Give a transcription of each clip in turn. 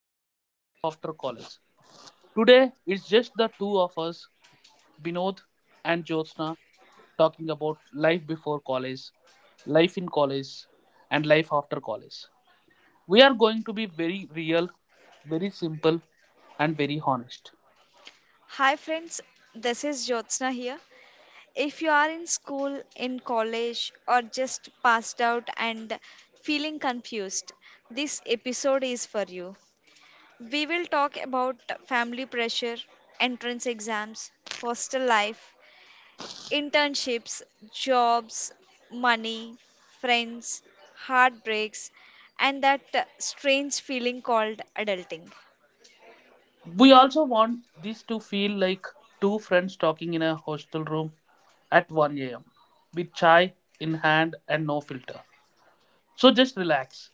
welcome back to Life After College. Today it's just the two of us, Vinod and Jyotsna, talking about life before college, life in college, and life after college. We are going to be very real, very simple, and very honest. Hi friends, this is Jyotsna here. If you are in school, in college, or just passed out and feeling confused, this episode is for you. We will talk about family pressure, entrance exams, hostel life, internships, jobs, money, friends, heartbreaks, and that strange feeling called adulting. We also want this to feel like two friends talking in a hostel room at 1 a.m. with chai in hand and no filter. So just relax.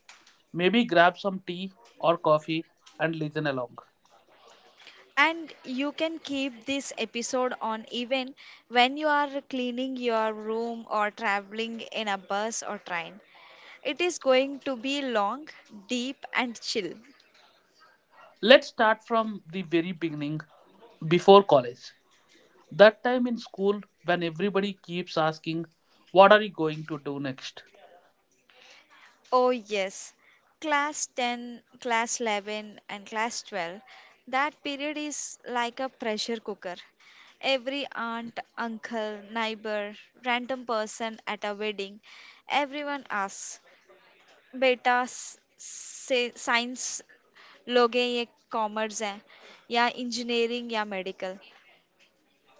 Maybe grab some tea or coffee and listen along. And you can keep this episode on even when you are cleaning your room or traveling in a bus or train. It is going to be long, deep, and chill. Let's start from the very beginning before college. That time in school when everybody keeps asking, "What are you going to do next?" Oh, yes. Class 10, class 11, and class 12. That period is like a pressure cooker. Every aunt, uncle, neighbor, random person at a wedding, everyone asks beta signs लोग हैं ये commerce हैं या engineering या medical.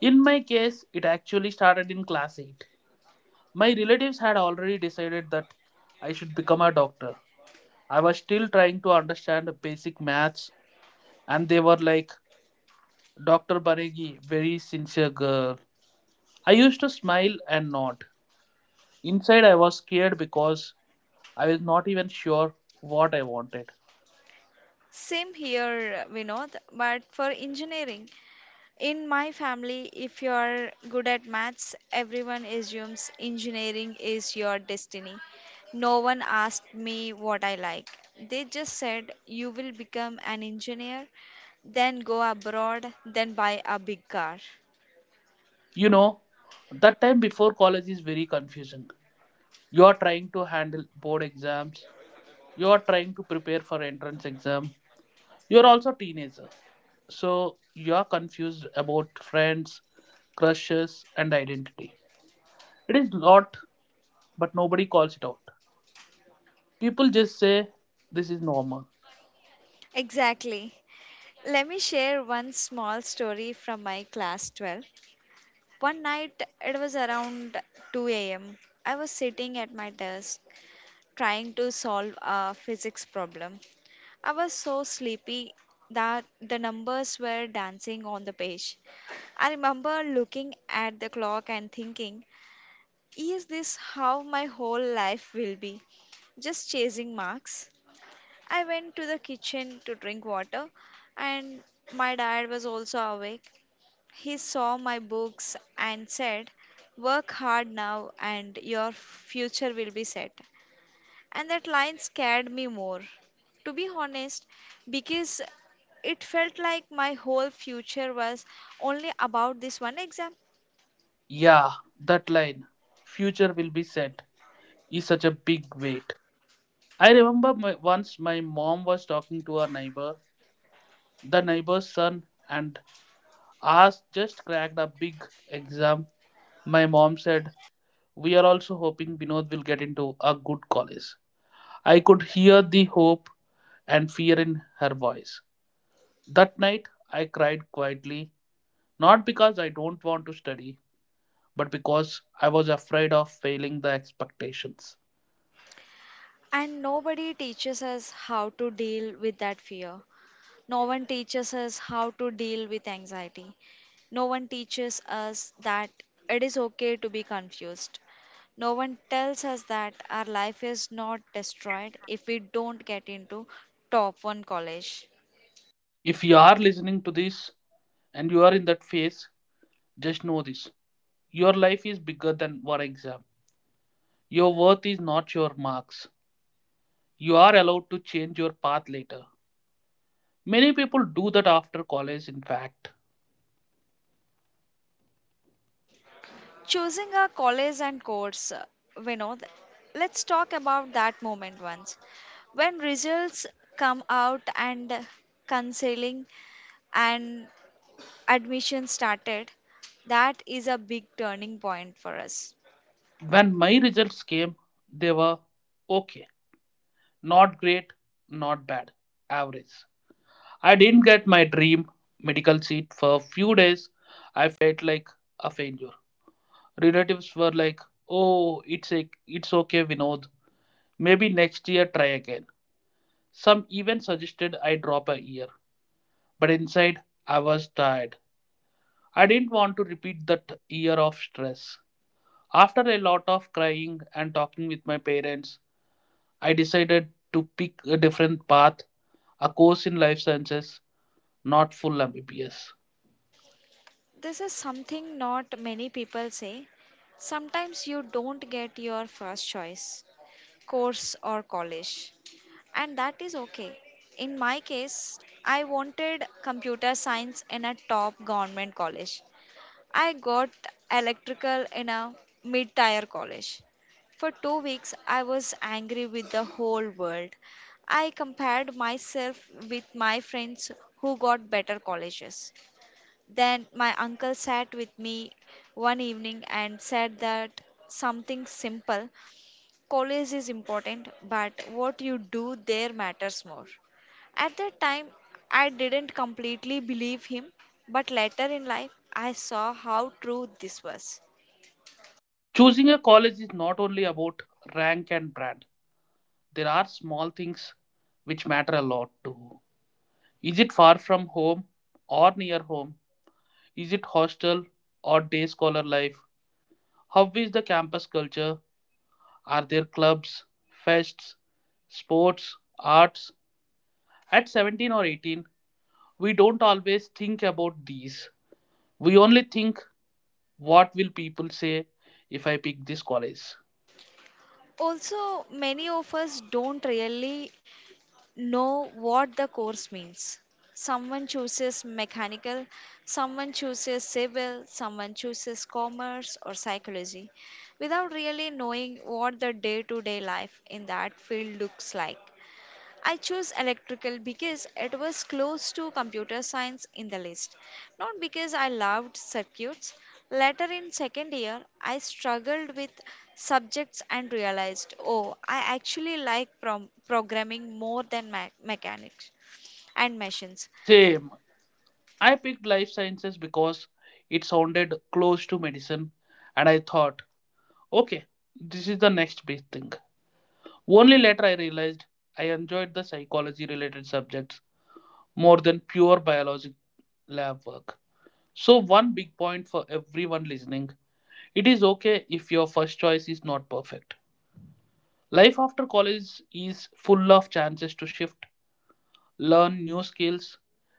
In my case, it actually started in class 8. My relatives had already decided that I should become a doctor. I was still trying to understand the basic maths, and they were like, "Dr. Banegi, very sincere girl." I used to smile and nod. Inside, I was scared because I was not even sure what I wanted. Same here, Vinod, but for engineering. In my family, if you are good at maths, everyone assumes engineering is your destiny. No one asked me what I like. They just said you will become an engineer, then go abroad, then buy a big car. You know, that time before college is very confusing. You are trying to handle board exams, you are trying to prepare for entrance exam, you are also teenager. So, you are confused about friends, crushes, and identity. It is lot, but nobody calls it out. People just say, "This is normal." Exactly. Let me share one small story from my class 12. One night, it was around 2 a.m. I was sitting at my desk trying to solve a physics problem. I was so sleepy that the numbers were dancing on the page. I remember looking at the clock and thinking, is this how my whole life will be? Just chasing marks. I went to the kitchen to drink water, and my dad was also awake. He saw my books and said, work hard now and your future will be set. And that line scared me more, to be honest, because it felt like my whole future was only about this one exam. Yeah, that line, future will be set, is such a big weight. Once my mom was talking to her neighbor, the neighbor's son, and asked just cracked a big exam. My mom said, "We are also hoping Vinod will get into a good college." I could hear the hope and fear in her voice. That night, I cried quietly, not because I don't want to study, but because I was afraid of failing the expectations. And nobody teaches us how to deal with that fear. No one teaches us how to deal with anxiety. No one teaches us that it is okay to be confused. No one tells us that our life is not destroyed if we don't get into top one college. If you are listening to this and you are in that phase, just know this: your life is bigger than one exam. Your worth is not your marks. You are allowed to change your path later. Many people do that after college, in fact. Choosing a college and course, Vinod, let's talk about that moment once. When results come out and counseling and admission started, that is a big turning point for us. When my results came, they were okay. Not great, not bad, average. I didn't get my dream medical seat for a few days. I felt like a failure. Relatives were like, "Oh, it's okay, Vinod. Maybe next year try again." Some even suggested I drop a year, but inside I was tired. I didn't want to repeat that year of stress. After a lot of crying and talking with my parents, I decided to pick a different path, a course in life sciences, not full MBBS. This is something not many people say. Sometimes you don't get your first choice course or college, and that is okay. In my case, I wanted computer science in a top government college. I got electrical in a mid tier college. For 2 weeks, I was angry with the whole world. I compared myself with my friends who got better colleges. Then my uncle sat with me one evening and said that something simple: college is important, but what you do there matters more. At that time, I didn't completely believe him, but later in life I saw how true this was. Choosing a college is not only about rank and brand. There are small things which matter a lot too. Is it far from home or near home? Is it hostel or day scholar life? How is the campus culture? Are there clubs, fests, sports, arts? At 17 or 18, we don't always think about these. We only think, what will people say if I pick this college? Also, many of us don't really know what the course means. Someone chooses mechanical, someone chooses civil, someone chooses commerce or psychology without really knowing what the day to day life in that field looks like. I chose electrical because it was close to computer science in the list, not because I loved circuits. Later in second year, I struggled with subjects and realized, oh, I actually like programming more than mechanics and machines. Same. I picked life sciences because it sounded close to medicine and I thought, okay, this is the next big thing. Only later I realized I enjoyed the psychology related subjects more than pure biology lab work. So, one big point for everyone listening: it is okay if your first choice is not perfect. Life after college is full of chances to shift, learn new skills,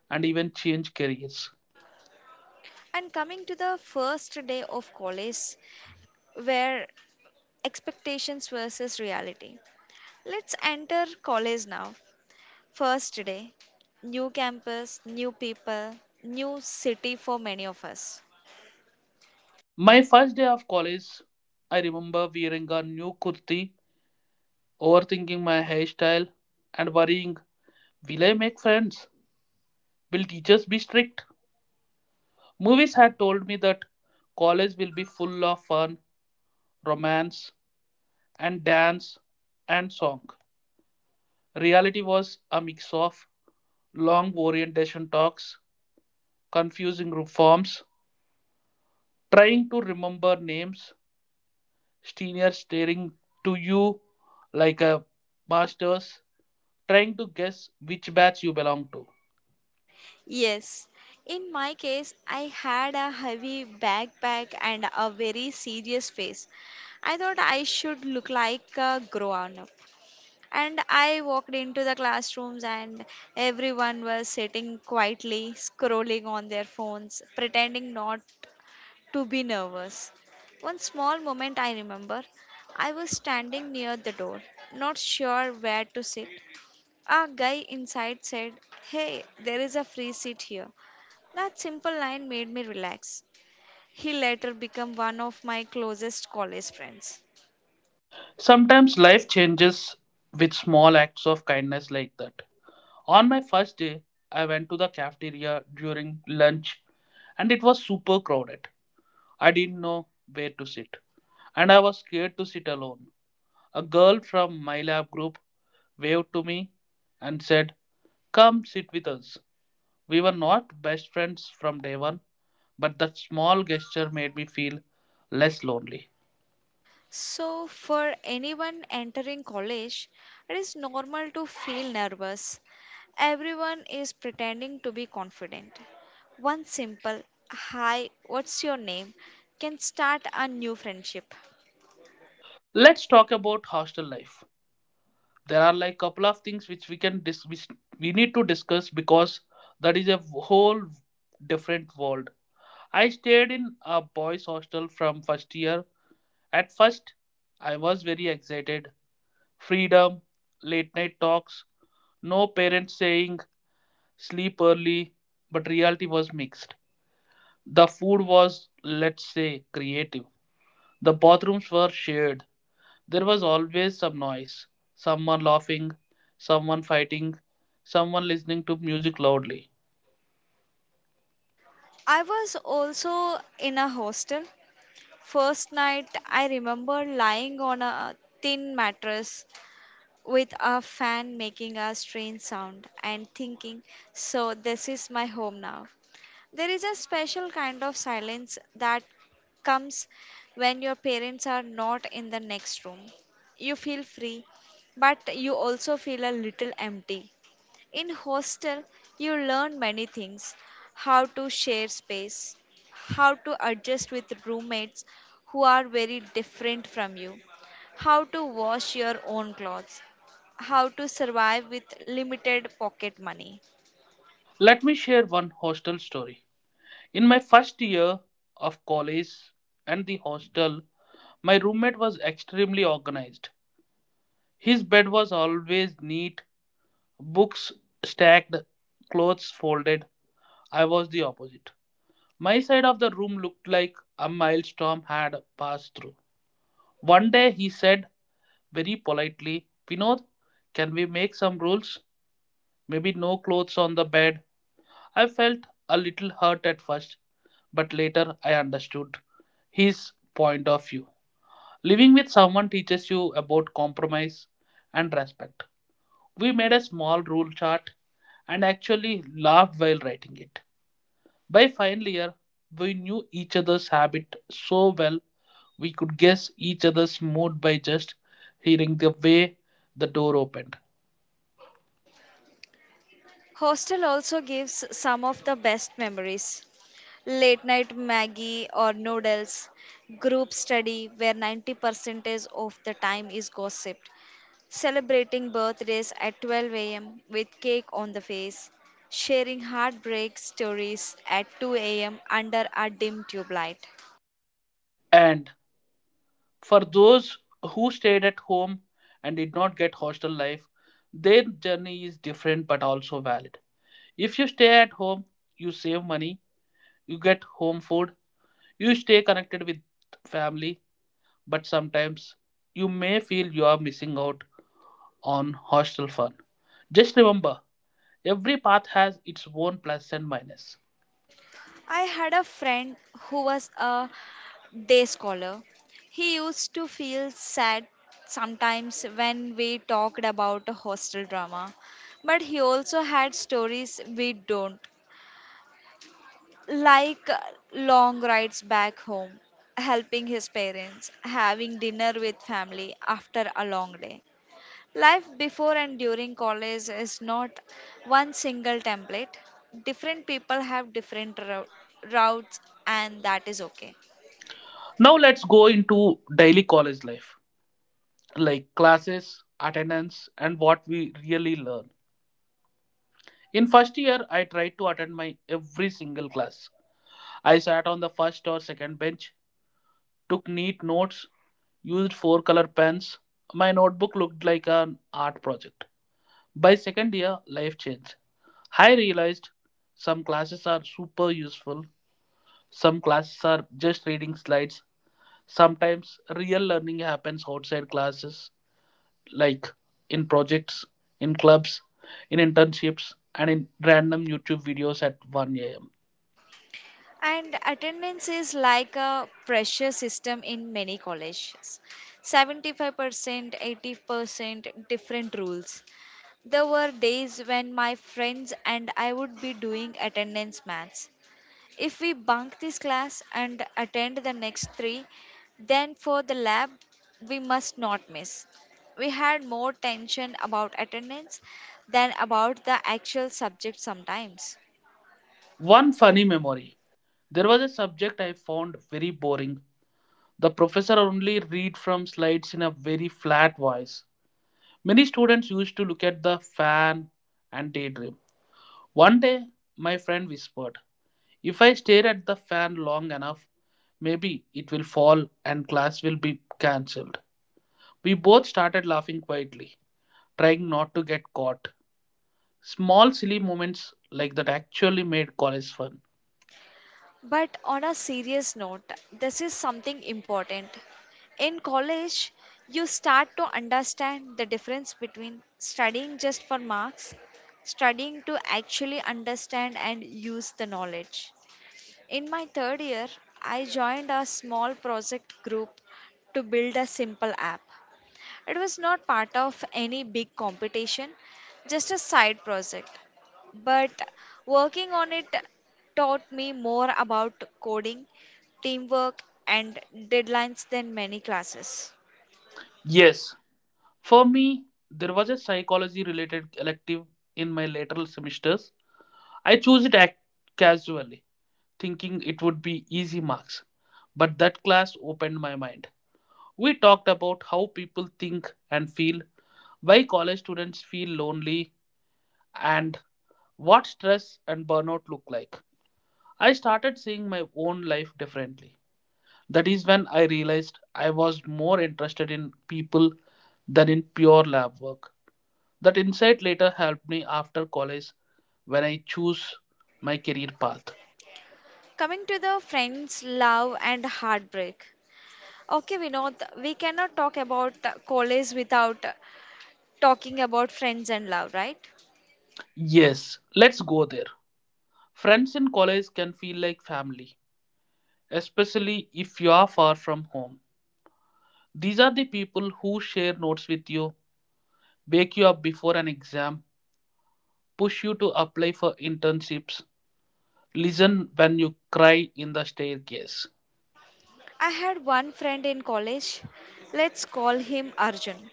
and even change careers. And coming to the first day of college, where expectations versus reality. Let's enter college now. First day, new campus, new people, new city for many of us. My first day of college, I remember wearing a new kurti, overthinking my hairstyle, and worrying, will I make friends? Will teachers be strict? Movies had told me that college will be full of fun, romance, and dance and song. Reality was a mix of long orientation talks, confusing forms, trying to remember names, seniors staring to you like a masters, trying to guess which batch you belong to. Yes, in my case, I had a heavy backpack and a very serious face. I thought I should look like a grown up. And I walked into the classrooms, and everyone was sitting quietly, scrolling on their phones, pretending not to be nervous. One small moment I remember, I was standing near the door, not sure where to sit. A guy inside said, hey, there is a free seat here. That simple line made me relax. He later became one of my closest college friends. Sometimes life changes with small acts of kindness like that. On my first day, I went to the cafeteria during lunch and it was super crowded. I didn't know where to sit and I was scared to sit alone. A girl from my lab group waved to me and said, "Come sit with us." We were not best friends from day one, but that small gesture made me feel less lonely. So, for anyone entering college, it is normal to feel nervous. Everyone is pretending to be confident. One simple hi, what's your name can start a new friendship. Let's talk about hostel life. There are like couple of things which we need to discuss because that is a whole different world. I stayed in a boys' hostel from first year. At first, I was very excited: freedom, late night talks, no parents saying sleep early, but reality was mixed. The food was, let's say, creative. The bathrooms were shared. There was always some noise: someone laughing, someone fighting, someone listening to music loudly. I was also in a hostel. First night, I remember lying on a thin mattress with a fan making a strange sound and thinking, so this is my home now. There is a special kind of silence that comes when your parents are not in the next room. You feel free, but you also feel a little empty. In hostel, you learn many things: how to share space, how to adjust with roommates who are very different from you, how to wash your own clothes, how to survive with limited pocket money. Let me share one hostel story. In my first year of college and the hostel, my roommate was extremely organized. His bed was always neat, books stacked, clothes folded. I was the opposite. My side of the room looked like a maelstrom had passed through. One day he said very politely, "Vinod, can we make some rules? Maybe no clothes on the bed." I felt a little hurt at first, but later I understood his point of view. Living with someone teaches you about compromise and respect. We made a small rule chart and actually laughed while writing it. By final year, we knew each other's habit so well we could guess each other's mood by just hearing the way the door opened. Hostel also gives some of the best memories. Late night Maggie or noodles, group study where 90% of the time is gossiped, celebrating birthdays at 12 a.m. with cake on the face, sharing heartbreak stories at 2 a.m. under a dim tube light. And for those who stayed at home and did not get hostel life, their journey is different but also valid. If you stay at home, you save money, you get home food, you stay connected with family, but sometimes you may feel you are missing out on hostel fun. Just remember, every path has its own plus and minus. I had a friend who was a day scholar. He used to feel sad sometimes when we talked about hostel drama, but he also had stories we don't, like long rides back home, helping his parents, having dinner with family after a long day. Life before and during college is not one single template. Different people have different routes, and that is okay. Now let's go into daily college life, like classes, attendance, and what we really learn. In first year, I tried to attend my every single class. I sat on the first or second bench, took neat notes, used four color pens. My notebook looked like an art project. By second year, life changed. I realized some classes are super useful, some classes are just reading slides. Sometimes real learning happens outside classes, like in projects, in clubs, in internships, and in random YouTube videos at 1 am. And attendance is like a pressure system in many colleges. 75%, 80%, different rules. There were days when my friends and I would be doing attendance maths. If we bunk this class and attend the next three, then for the lab we must not miss. We had more tension about attendance than about the actual subject sometimes. One funny memory: there was a subject I found very boring. The professor only read from slides in a very flat voice. Many students used to look at the fan and daydream. One day, my friend whispered, "If I stare at the fan long enough, maybe it will fall and class will be cancelled." We both started laughing quietly, trying not to get caught. Small silly moments like that actually made college fun. But on a serious note, this is something important. In college, you start to understand the difference between studying just for marks, studying to actually understand and use the knowledge. In my third year, I joined a small project group to build a simple app. It was not part of any big competition, just a side project. But working on it taught me more about coding, teamwork, and deadlines than many classes. Yes, for me, there was a psychology related elective in my later semesters. I chose it casually, thinking it would be easy marks, but that class opened my mind. We talked about how people think and feel, why college students feel lonely, and what stress and burnout look like. I started seeing my own life differently. That is when I realized I was more interested in people than in pure lab work. That insight later helped me after college when I choose my career path. Coming to the friends, love, and heartbreak. Okay, Vinod, we cannot talk about college without talking about friends and love, right? Yes, let's go there. Friends in college can feel like family, especially if you are far from home. These are the people who share notes with you, wake you up before an exam, push you to apply for internships, listen when you cry in the staircase. I had one friend in college. Let's call him Arjun.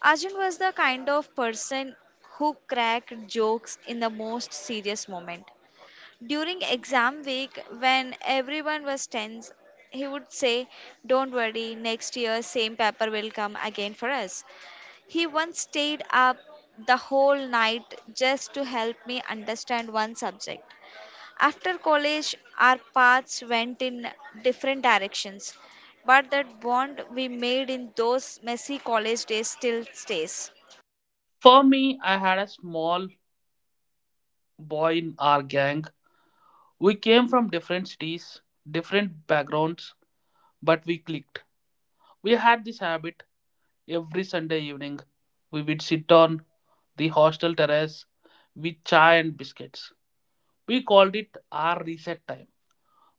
Arjun was the kind of person who cracked jokes in the most serious moment. During exam week, when everyone was tense, he would say, don't worry, next year, same paper will come again for us. He once stayed up the whole night just to help me understand one subject. After college, our paths went in different directions, but that bond we made in those messy college days still stays. For me, I had a small boy in our gang. We came from different cities, different backgrounds, but we clicked. We had this habit every Sunday evening. We would sit on the hostel terrace with chai and biscuits. We called it our reset time.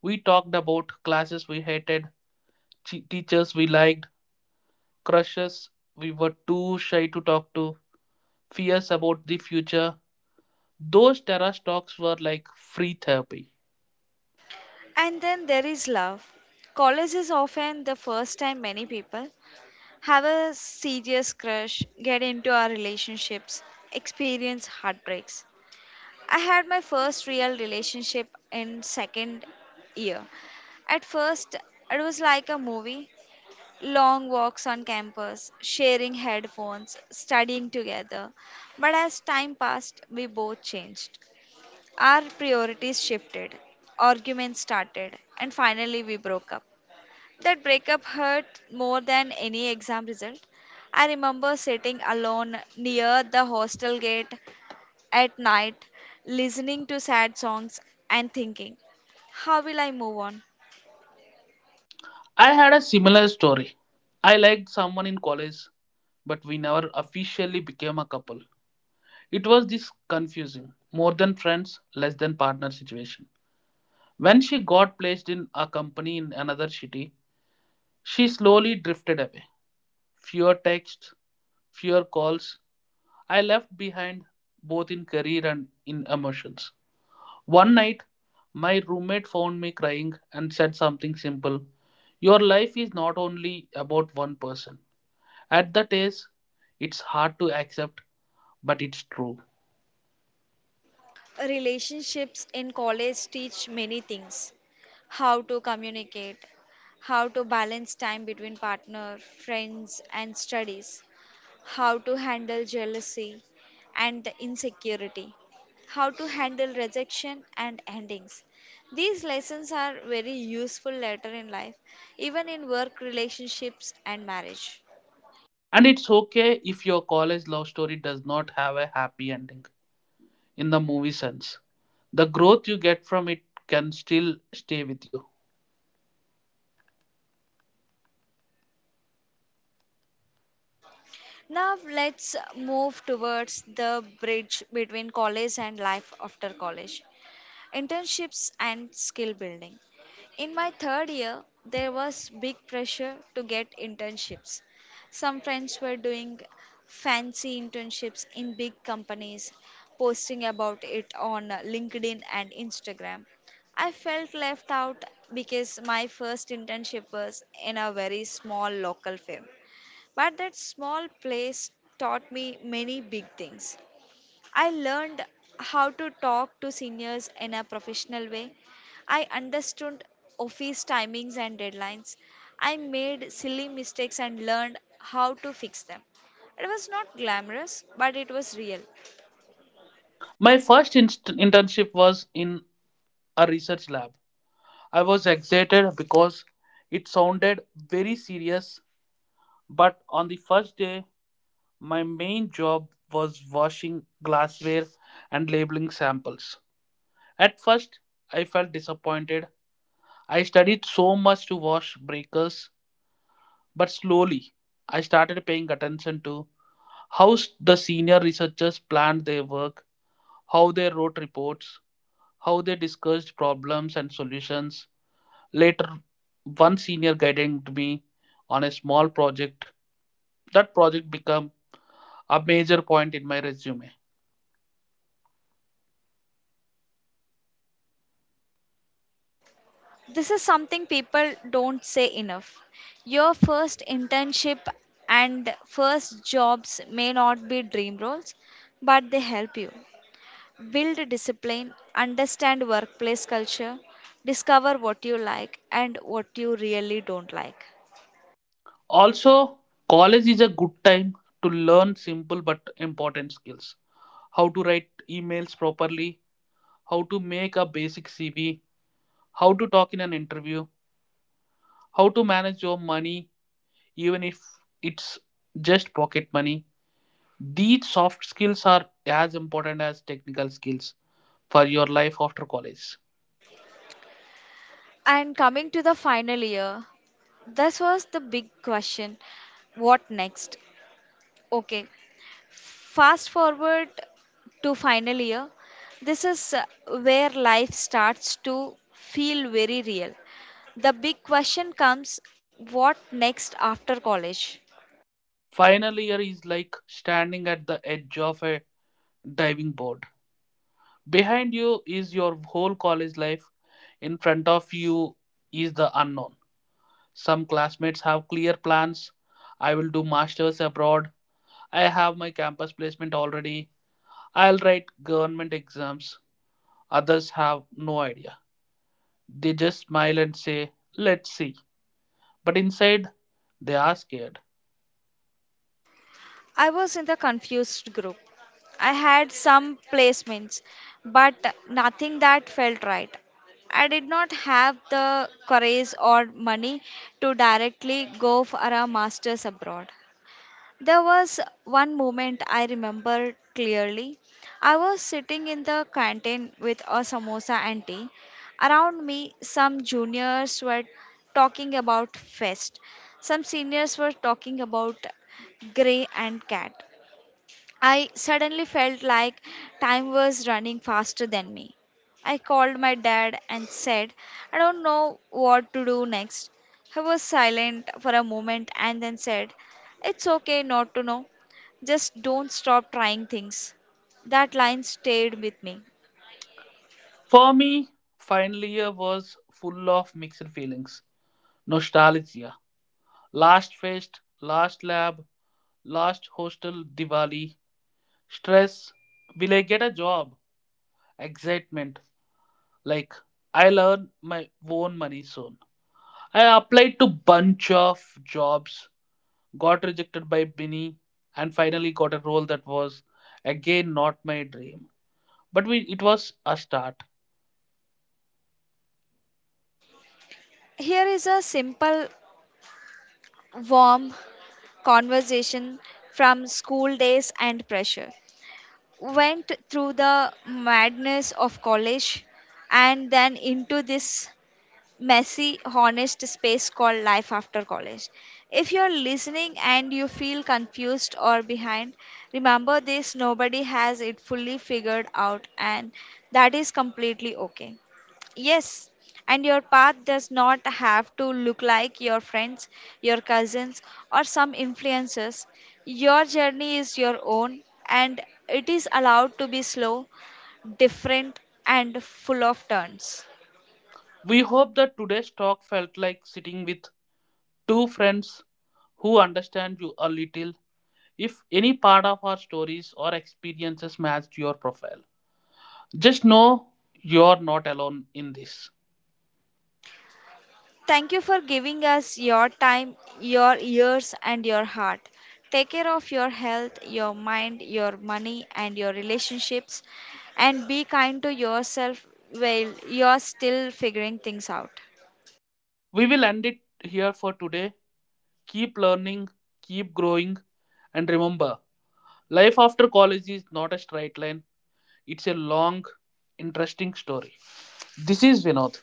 We talked about classes we hated, teachers we liked, crushes we were too shy to talk to, fears about the future. Those terrace talks were like free therapy. And then there is love. College is often the first time many people have a serious crush, get into our relationships, experience heartbreaks. I had my first real relationship in second year. At first, it was like a movie. Long walks on campus, sharing headphones, studying together. But as time passed, we both changed. Our priorities shifted, arguments started, and finally we broke up. That breakup hurt more than any exam result. I remember sitting alone near the hostel gate at night, listening to sad songs and thinking, how will I move on? I had a similar story. I liked someone in college, but we never officially became a couple. It was this confusing, more than friends, less than partner situation. When she got placed in a company in another city, she slowly drifted away. Fewer texts, fewer calls, I left behind both in career and in emotions. One night, my roommate found me crying and said something simple: your life is not only about one person. At that age, it's hard to accept, but it's true. Relationships in college teach many things: how to communicate, how to balance time between partner, friends, and studies, how to handle jealousy and insecurity, how to handle rejection and endings. These lessons are very useful later in life, even in work relationships and marriage. And it's okay if your college love story does not have a happy ending in the movie sense. The growth you get from it can still stay with you. Now let's move towards the bridge between college and life after college: internships and skill building. In my third year, there was big pressure to get internships. Some friends were doing fancy internships in big companies, posting about it on LinkedIn and Instagram. I felt left out because my first internship was in a very small local firm. But that small place taught me many big things. I learned how to talk to seniors in a professional way. I understood office timings and deadlines. I made silly mistakes and learned how to fix them. It was not glamorous, but it was real. My first internship was in a research lab. I was excited because it sounded very serious, but on the first day, my main job was washing glassware and labeling samples. At first, I felt disappointed. I studied so much to wash breakers, but slowly I started paying attention to how the senior researchers planned their work, how they wrote reports, how they discussed problems and solutions. Later, one senior guided me on a small project. That project became a major point in my resume. This is something people don't say enough. Your first internship and first jobs may not be dream roles, but they help you build discipline, understand workplace culture, discover what you like and what you really don't like. Also, college is a good time to learn simple but important skills. How to write emails properly, how to make a basic CV, how to talk in an interview, how to manage your money, even if it's just pocket money. These soft skills are as important as technical skills for your life after college. And coming to the final year, this was the big question: what next? Okay, fast forward to final year. This is where life starts to feel very real. The big question comes: what next after college? Final year is like standing at the edge of a diving board. Behind you is your whole college life. In front of you is the unknown. Some classmates have clear plans. I will do masters abroad. I have my campus placement already. I'll write government exams. Others have no idea. They just smile and say, "Let's see." But inside, they are scared. I was in the confused group. I had some placements, but nothing that felt right. I did not have the courage or money to directly go for a master's abroad. There was one moment I remember clearly. I was sitting in the canteen with a samosa auntie. Around me, some juniors were talking about fest. Some seniors were talking about Grey and Cat. I suddenly felt like time was running faster than me. I called my dad and said, I don't know what to do next. He was silent for a moment and then said, it's okay not to know. Just don't stop trying things. That line stayed with me. For me, final year was full of mixed feelings. Nostalgia, last fest, last lab, last hostel Diwali, stress, will I get a job, excitement, like I'll earn my own money soon. I applied to bunch of jobs, got rejected by many, and finally got a role that was again not my dream. But it was a start. Here is a simple, warm conversation from school days and pressure. Went through the madness of college and then into this messy, honest space called life after college. If you're listening and you feel confused or behind, remember this: nobody has it fully figured out, and that is completely okay. Yes, and your path does not have to look like your friends, your cousins, or some influencers. Your journey is your own, and it is allowed to be slow, different, and full of turns. We hope that today's talk felt like sitting with two friends who understand you a little. If any part of our stories or experiences matched your profile, just know you're not alone in this. Thank you for giving us your time, your ears, and your heart. Take care of your health, your mind, your money, and your relationships, and be kind to yourself while you're still figuring things out. We will end it here for today. Keep learning, keep growing, and remember, life after college is not a straight line, it's a long, interesting story. This is Vinod.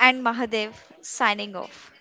And Mahadev signing off.